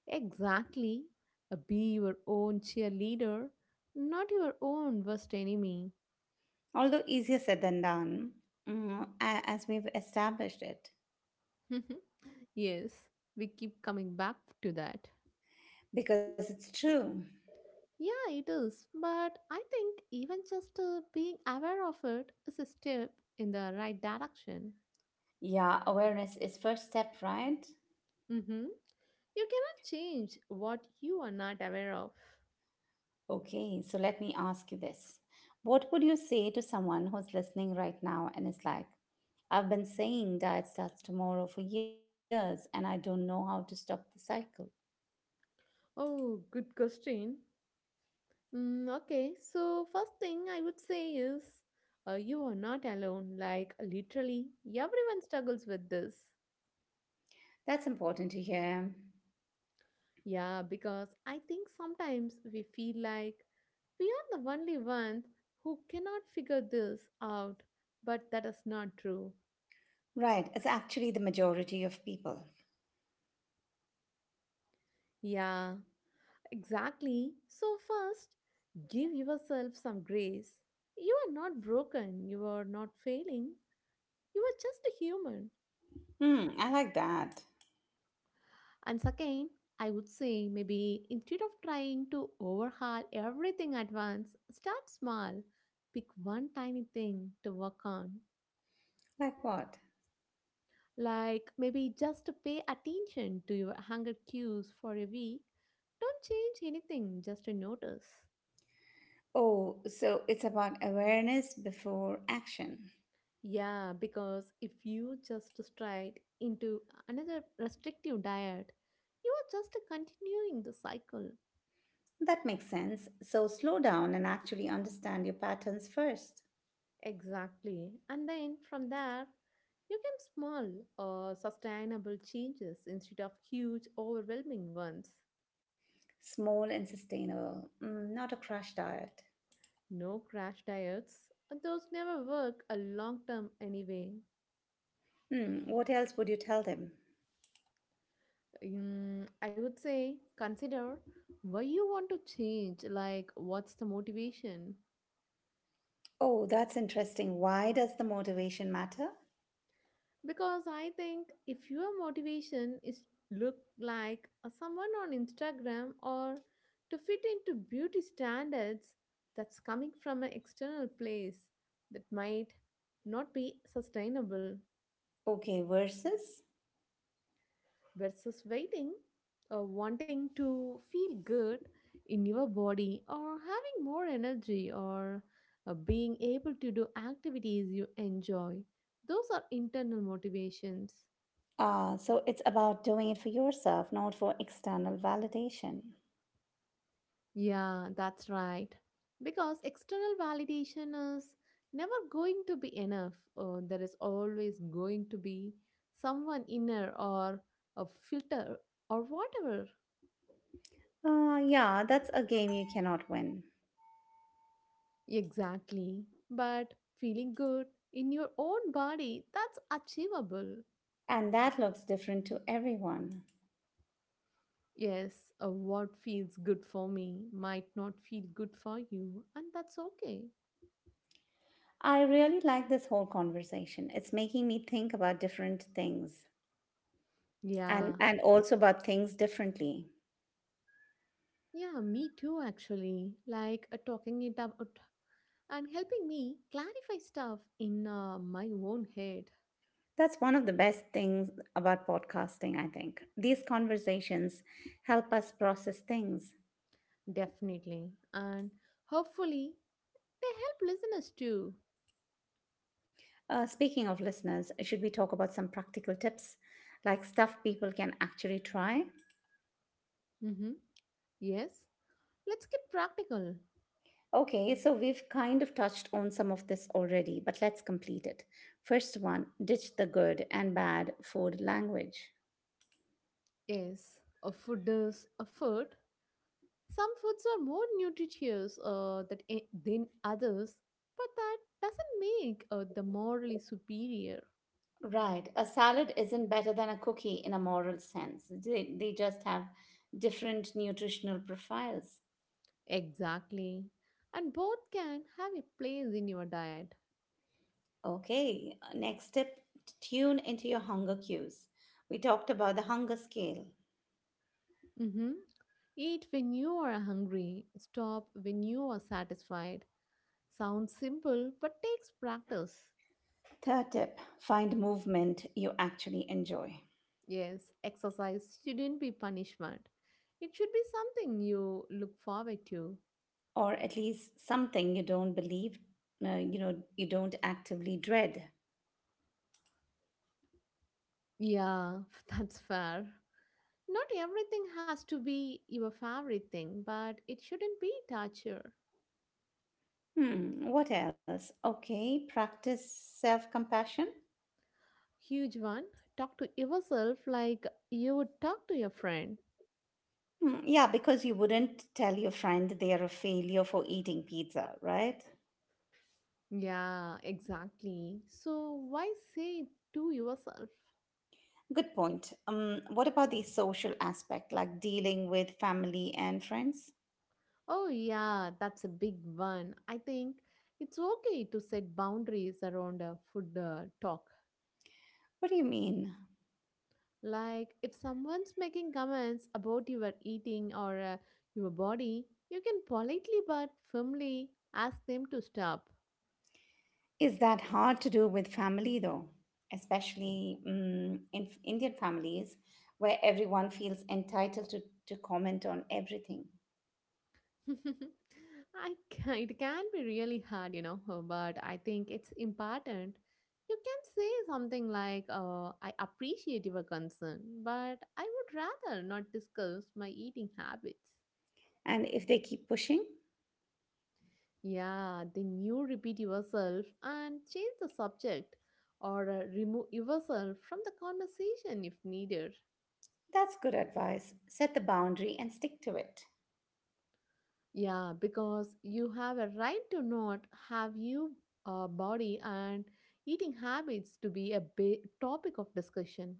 S2: Exactly. Be your own cheerleader, not your own worst enemy.
S1: although easier said than done, as we've established it,
S2: Mhm. Yes, we keep coming back to that.
S1: because it's true.
S2: Yeah, it is. But I think even just being aware of it is a step in the right direction.
S1: Yeah, awareness is first step, right?
S2: Hmm. You cannot change what you are not aware of.
S1: Okay, so let me ask you this. What would you say to someone who's listening right now and is like, I've been saying diet starts tomorrow for years and I don't know how to stop the cycle?
S2: Oh, good question. Okay, so first thing I would say is you are not alone. Like, literally, everyone struggles with this.
S1: That's important to hear.
S2: Yeah, because I think sometimes we feel like we are the only ones who cannot figure this out, but that is not true.
S1: Right, it's actually the majority of people.
S2: Yeah, exactly. So, first, give yourself some grace. You are not broken, you are not failing, you are just a human.
S1: Hmm, I like that.
S2: And second, I would say maybe instead of trying to overhaul everything at once, start small. Pick one tiny thing to work on.
S1: Like what?
S2: Like maybe just pay attention to your hunger cues for a week. Don't change anything, just notice.
S1: Oh, so it's about awareness before action.
S2: Yeah, because if you just stride into another restrictive diet, you are just continuing the cycle.
S1: That makes sense. So slow down and actually understand your patterns first.
S2: Exactly. And then from there, you can small or sustainable changes instead of huge, overwhelming ones.
S1: Small and sustainable, not a crash diet.
S2: No crash diets. Those never work a long term anyway.
S1: Hmm, what else would you tell them?
S2: I would say consider why you want to change, like what's the motivation?
S1: Oh, that's interesting. Why does the motivation matter?
S2: Because I think if your motivation is look like a someone on Instagram or to fit into beauty standards, that's coming from an external place that might not be sustainable.
S1: Okay, versus?
S2: Versus waiting or wanting to feel good in your body, or having more energy, or being able to do activities you enjoy, those are internal motivations.
S1: Ah, so it's about doing it for yourself, not for external validation.
S2: Yeah, that's right. Because external validation is never going to be enough. There is always going to be someone inner, or a filter, or whatever.
S1: Ah, yeah, that's a game you cannot win.
S2: Exactly. But feeling good in your own body, that's achievable.
S1: And that looks different to everyone.
S2: Yes, what feels good for me might not feel good for you, and that's okay.
S1: I really like this whole conversation. It's making me think about different things, and,
S2: Yeah,
S1: and also about things differently.
S2: yeah, me too, actually. Like, talking it out and helping me clarify stuff in my own head.
S1: That's one of the best things about podcasting, I think. These conversations help us process things.
S2: Definitely. And hopefully, they help listeners too.
S1: Speaking of listeners, should we talk about some practical tips, like stuff people can actually try?
S2: Mm-hmm. Yes, let's get practical.
S1: Okay, so we've kind of touched on some of this already, but let's complete it. First one: ditch the good and bad food language.
S2: Yes, a food is a food. Some foods are more nutritious than others, but that doesn't make the morally superior.
S1: Right. A salad isn't better than a cookie in a moral sense. They just have different nutritional profiles.
S2: Exactly. And both can have a place in your diet.
S1: Okay. Next tip: tune into your hunger cues. We talked about the hunger scale.
S2: Hmm. Eat when you are hungry, stop when you are satisfied. Sounds simple, but takes practice.
S1: Third tip: find movement you actually enjoy,
S2: Yes, exercise shouldn't be punishment. It should be something you look forward to.
S1: or at least something you don't believe, you don't actively dread.
S2: Yeah, that's fair. Not everything has to be your favorite thing, but it shouldn't be torture.
S1: Hmm. What else? Okay. Practice self compassion.
S2: Huge one, talk to yourself like you would talk to your friend.
S1: Hmm, yeah, because you wouldn't tell your friend they are a failure for eating pizza, right?
S2: Yeah, exactly. So why say it to yourself?
S1: Good point. What about the social aspect, like dealing with family and friends?
S2: Oh, yeah, that's a big one. I think it's okay to set boundaries around a food talk.
S1: What do you mean?
S2: Like, if someone's making comments about your eating, or your body, you can politely but firmly ask them to stop.
S1: Is that hard to do with family though? Especially in Indian families, where everyone feels entitled to comment on everything.
S2: I can, it can be really hard, you know, but I think it's important. You can say something like, I appreciate your concern, but I would rather not discuss my eating habits.
S1: And if they keep pushing,
S2: Yeah, then you repeat yourself and change the subject, or remove yourself from the conversation if needed.
S1: that's good advice. Set the boundary and stick to it.
S2: Yeah, because you have a right to not have your body and eating habits to be a topic of discussion.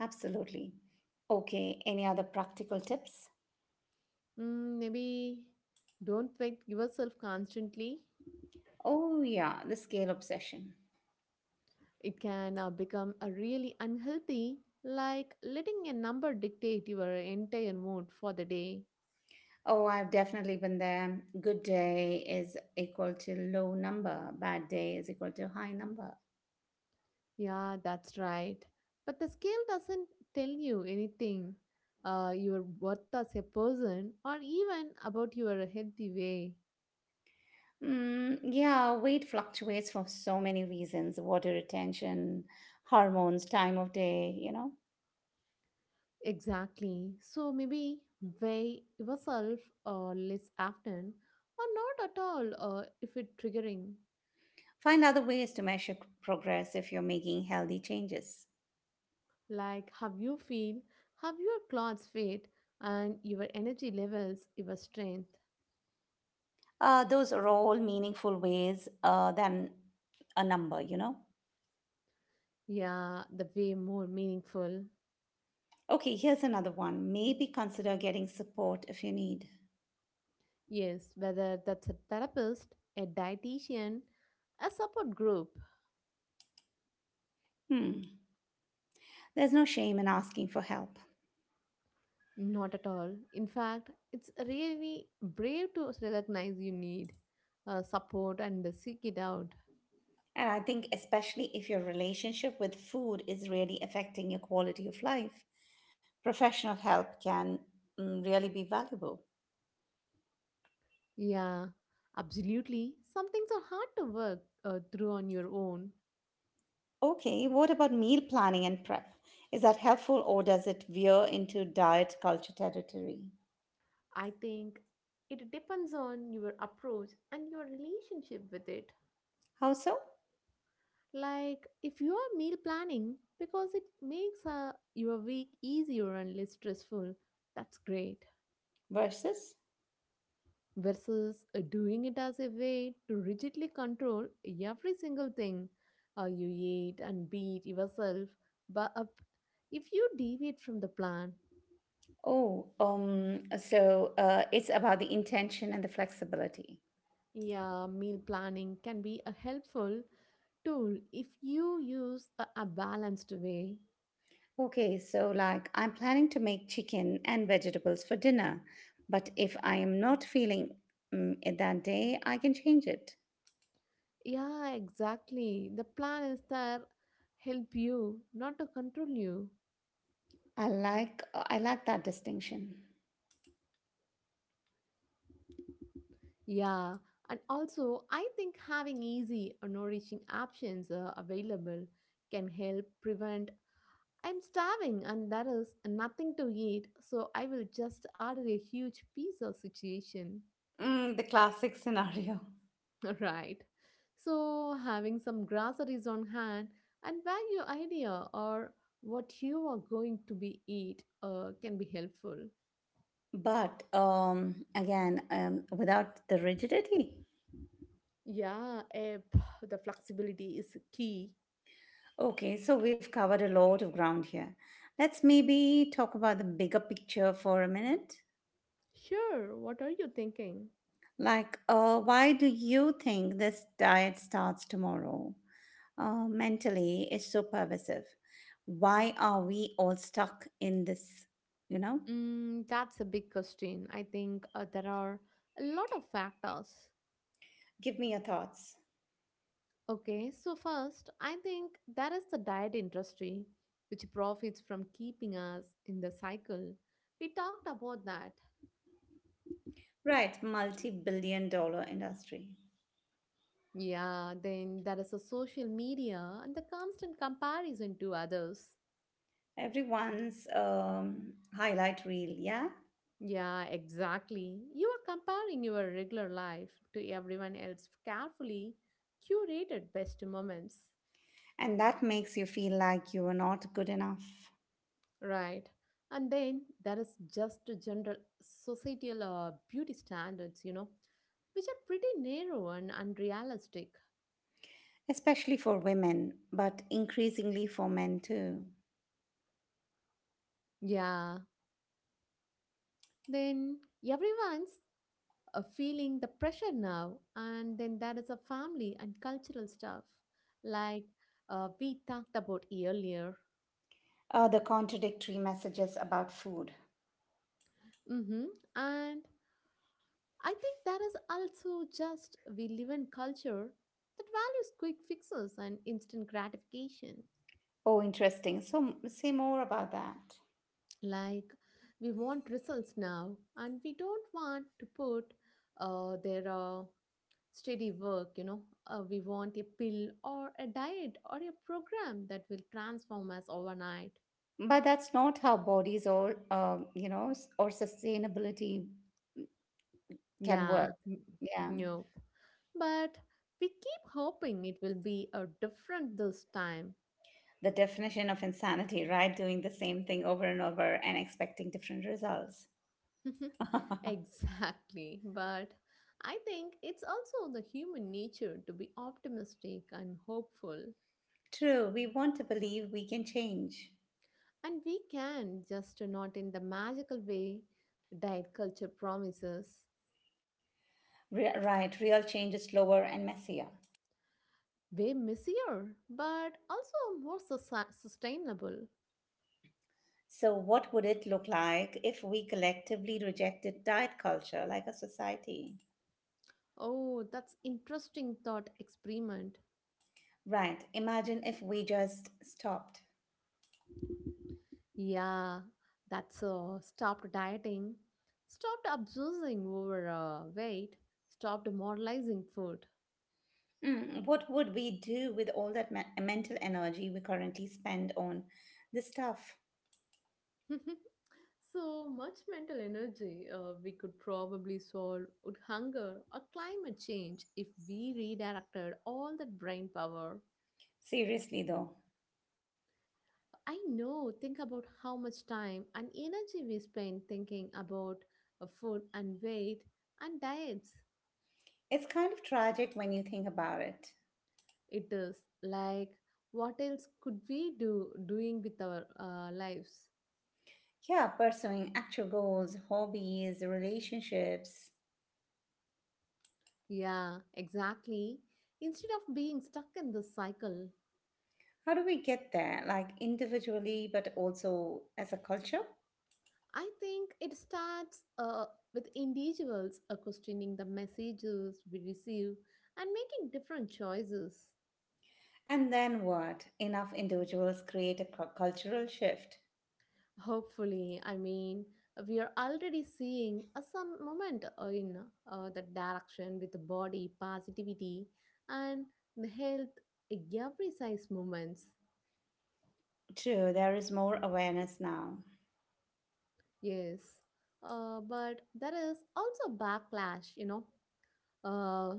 S1: Absolutely. Okay, any other practical tips?
S2: Maybe don't fight yourself constantly.
S1: Oh, yeah, the scale obsession.
S2: It can become a really unhealthy, like letting a number dictate your entire mood for the day.
S1: Oh, I've definitely been there. Good day is equal to low number, bad day is equal to high number.
S2: Yeah, that's right. But the scale doesn't tell you anything, your worth as a person, or even about your healthy way.
S1: Mm, yeah, weight fluctuates for so many reasons: water retention, hormones, time of day.
S2: Exactly. So maybe weigh yourself less often, or not at all if it's triggering.
S1: Find other ways to measure progress if you're making healthy changes.
S2: Like how you feel, how your clothes fit, and your energy levels, your strength.
S1: Those are all meaningful ways than a number.
S2: Yeah, the way more meaningful.
S1: Okay, here's another one. Maybe consider getting support if you need.
S2: Yes, whether that's a therapist, a dietitian, a support group.
S1: Hmm. There's no shame in asking for help.
S2: Not at all. In fact, it's really brave to recognize you need support and seek it out.
S1: And I think, especially if your relationship with food is really affecting your quality of life, professional help can really be valuable.
S2: Yeah, absolutely. Some things are hard to work through on your own.
S1: Okay, what about meal planning and prep? Is that helpful or does it veer into diet culture territory?
S2: I think it depends on your approach and your relationship with it.
S1: How so?
S2: Like if you are meal planning because it makes your week easier and less stressful, that's great.
S1: Versus?
S2: Versus doing it as a way to rigidly control every single thing you eat and beat yourself but up if you deviate from the plan.
S1: Oh, so it's about the intention and the flexibility.
S2: Yeah, meal planning can be a helpful tool if you use a balanced way.
S1: Okay, so like I'm planning to make chicken and vegetables for dinner, but if I am not feeling it that day, I can change it.
S2: Yeah, exactly. The plan is there help you, not to control you.
S1: I like I like that distinction.
S2: Yeah, and also I think having easy or nourishing options available can help prevent I'm starving and there is nothing to eat, so I will just order a huge pizza situation.
S1: Mm, the classic scenario.
S2: Right. So having some groceries on hand and value idea or what you are going to be eat can be helpful.
S1: But again, without the rigidity.
S2: Yeah, the flexibility is key.
S1: Okay, so we've covered a lot of ground here. Let's maybe talk about the bigger picture for a minute.
S2: Sure, what are you thinking?
S1: Like, why do you think this diet starts tomorrow? Mentally is so pervasive. Why are we all stuck in this? You know,
S2: That's a big question. I think there are a lot of factors.
S1: give me your thoughts.
S2: Okay, so first, I think there is the diet industry, which profits from keeping us in the cycle. We talked about that.
S1: Right, multi billion dollar industry.
S2: Yeah, then there is the social media and the constant comparison to others.
S1: Everyone's highlight reel, yeah?
S2: Yeah, exactly. You are comparing your regular life to everyone else carefully curated best moments,
S1: And that makes you feel like you are not good enough,
S2: right? And then there is just the general societal beauty standards, you know, which are pretty narrow and unrealistic.
S1: especially for women, but increasingly for men too.
S2: Yeah. Then everyone's feeling the pressure now, and then there is a family and cultural stuff, like we talked about earlier.
S1: The contradictory messages about food.
S2: Mm-hmm. And I think that is also just we live in culture that values quick fixes and instant gratification.
S1: Oh, interesting. So, say more about that.
S2: Like we want results now, and we don't want to put their steady work. You know, we want a pill or a diet or a program that will transform us overnight.
S1: But that's not how bodies or or sustainability can
S2: Yeah,
S1: work. Yeah.
S2: nope. But we keep hoping it will be a different this time.
S1: The definition of insanity, right? Doing the same thing over and over and expecting different results.
S2: Exactly. But I think it's also the human nature to be optimistic and hopeful.
S1: True, we want to believe we can change.
S2: And we can, just not in the magical way diet culture promises,
S1: Right, real change is slower and messier.
S2: way messier, but also more sustainable.
S1: So, what would it look like if we collectively rejected diet culture like a society?
S2: Oh, that's interesting thought experiment.
S1: Right, imagine if we just stopped.
S2: Yeah, that's stopped dieting, stopped obsessing over weight, stopped moralizing food.
S1: What would we do with all that mental energy we currently spend on this stuff?
S2: So much mental energy we could probably solve with hunger or climate change if we redirected all that brain power.
S1: Seriously, though,
S2: I know, think about how much time and energy we spend thinking about food and weight and diets.
S1: it's kind of tragic when you think about it.
S2: It is, like, what else could we do doing with our lives?
S1: Yeah, pursuing actual goals, hobbies, relationships.
S2: Yeah, exactly. Instead of being stuck in this cycle,
S1: How do we get there? Like individually, but also as a culture?
S2: I think it starts with individuals questioning the messages we receive and making different choices.
S1: And then what? Enough individuals create a cultural shift.
S2: Hopefully, I mean, we are already seeing some movement in that direction with the body positivity and the health, every size movements.
S1: True, there is more awareness now.
S2: Yes, but there is also backlash, you know, uh,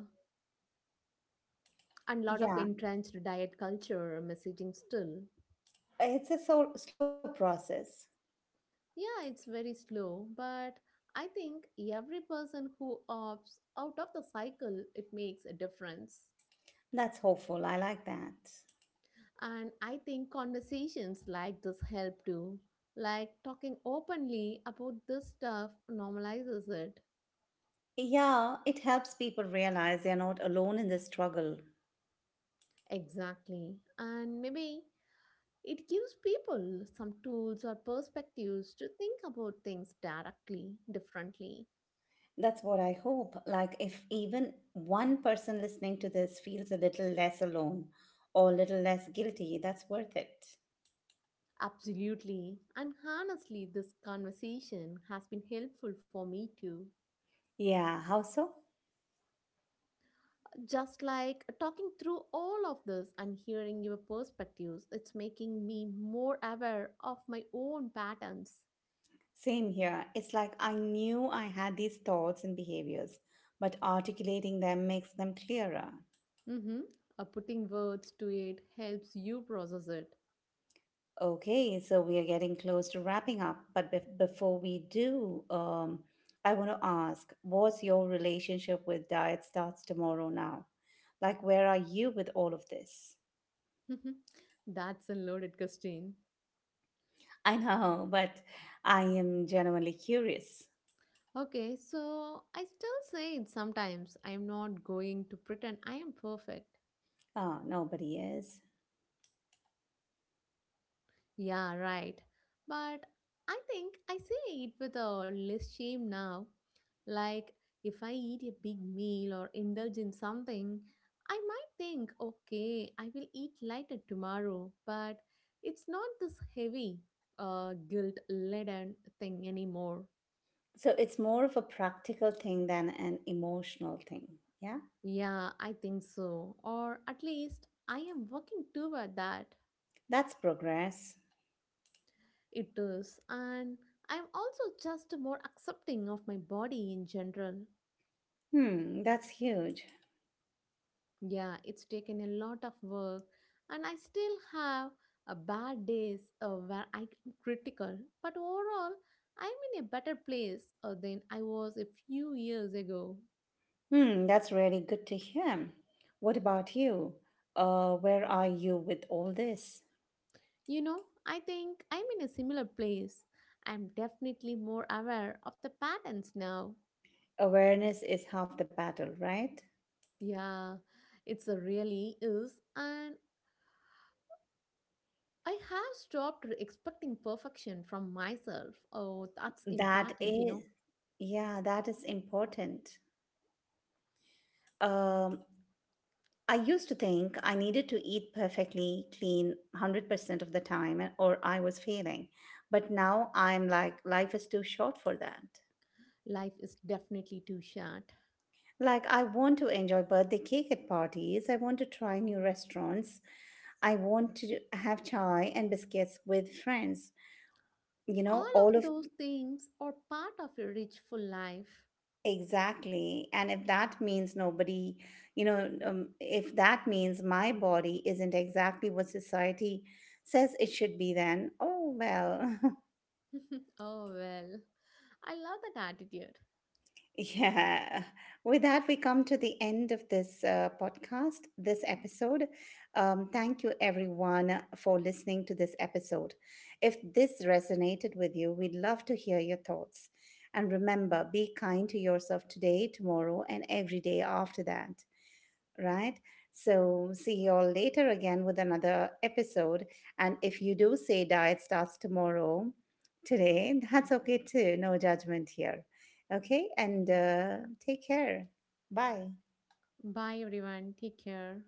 S2: and lot of
S1: Yeah,
S2: entrenched diet culture messaging still.
S1: it's a slow process.
S2: Yeah, it's very slow, but I think every person who opts out of the cycle, it makes a difference.
S1: That's hopeful. I like that.
S2: And I think conversations like this help too. Like talking openly about this stuff normalizes it.
S1: Yeah, it helps people realize they're not alone in this struggle.
S2: Exactly. And maybe it gives people some tools or perspectives to think about things directly, differently.
S1: That's what I hope. Like, if even one person listening to this feels a little less alone or a little less guilty, that's worth it.
S2: Absolutely. And honestly, this conversation has been helpful for me too.
S1: Yeah, how so?
S2: Just like talking through all of this and hearing your perspectives, it's making me more aware of my own patterns.
S1: Same here. It's like I knew I had these thoughts and behaviors, but articulating them makes them clearer.
S2: Mm-hmm. Putting words to it helps you process it.
S1: Okay, so we are getting close to wrapping up, but before we do, I want to ask, what's your relationship with diet starts tomorrow now? Like, where are you with all of this?
S2: That's a loaded question.
S1: I know, but I am genuinely curious.
S2: Okay, so I still say it sometimes. I'm not going to pretend I am perfect.
S1: Oh, nobody is.
S2: Yeah, right. But I think I say it with a less shame now. Like if I eat a big meal or indulge in something, I might think, okay, I will eat lighter tomorrow, but it's not this heavy, guilt laden thing anymore.
S1: So it's more of a practical thing than an emotional thing. Yeah,
S2: Yeah, I think so. Or at least I am working toward that.
S1: that's progress.
S2: It is. And I'm also just more accepting of my body in general.
S1: Hmm, that's huge.
S2: Yeah, it's taken a lot of work, and I still have a bad days where I'm critical. But overall, I'm in a better place than I was a few years ago.
S1: Hmm, that's really good to hear. What about you? Where are you with all this?
S2: You know, I think I'm in a similar place. I'm definitely more aware of the patterns now.
S1: Awareness is half the battle, right?
S2: Yeah, it's a really is, and I have stopped expecting perfection from myself. Oh, that's
S1: That
S2: important, you know.
S1: is, yeah, that is important. Um, I used to think I needed to eat perfectly clean 100% of the time or I was failing. But now I'm like, life is too short for that.
S2: Life is definitely too short.
S1: Like, I want to enjoy birthday cake at parties. I want to try new restaurants. I want to have chai and biscuits with friends. You know,
S2: All
S1: all
S2: of
S1: of,
S2: those things are part of a rich, full life.
S1: exactly. And if that means if that means my body isn't exactly what society says it should be, then oh well.
S2: Oh, well. I love that attitude.
S1: Yeah. With that, we come to the end of this podcast, this episode. Thank you, everyone, for listening to this episode. If this resonated with you, we'd love to hear your thoughts. And remember, be kind to yourself today, tomorrow, and every day after that, right? So, see you all later again with another episode. And if you do say diet starts tomorrow, today, that's okay too. No judgment here. Okay. And take care. Bye.
S2: Bye, everyone. Take care.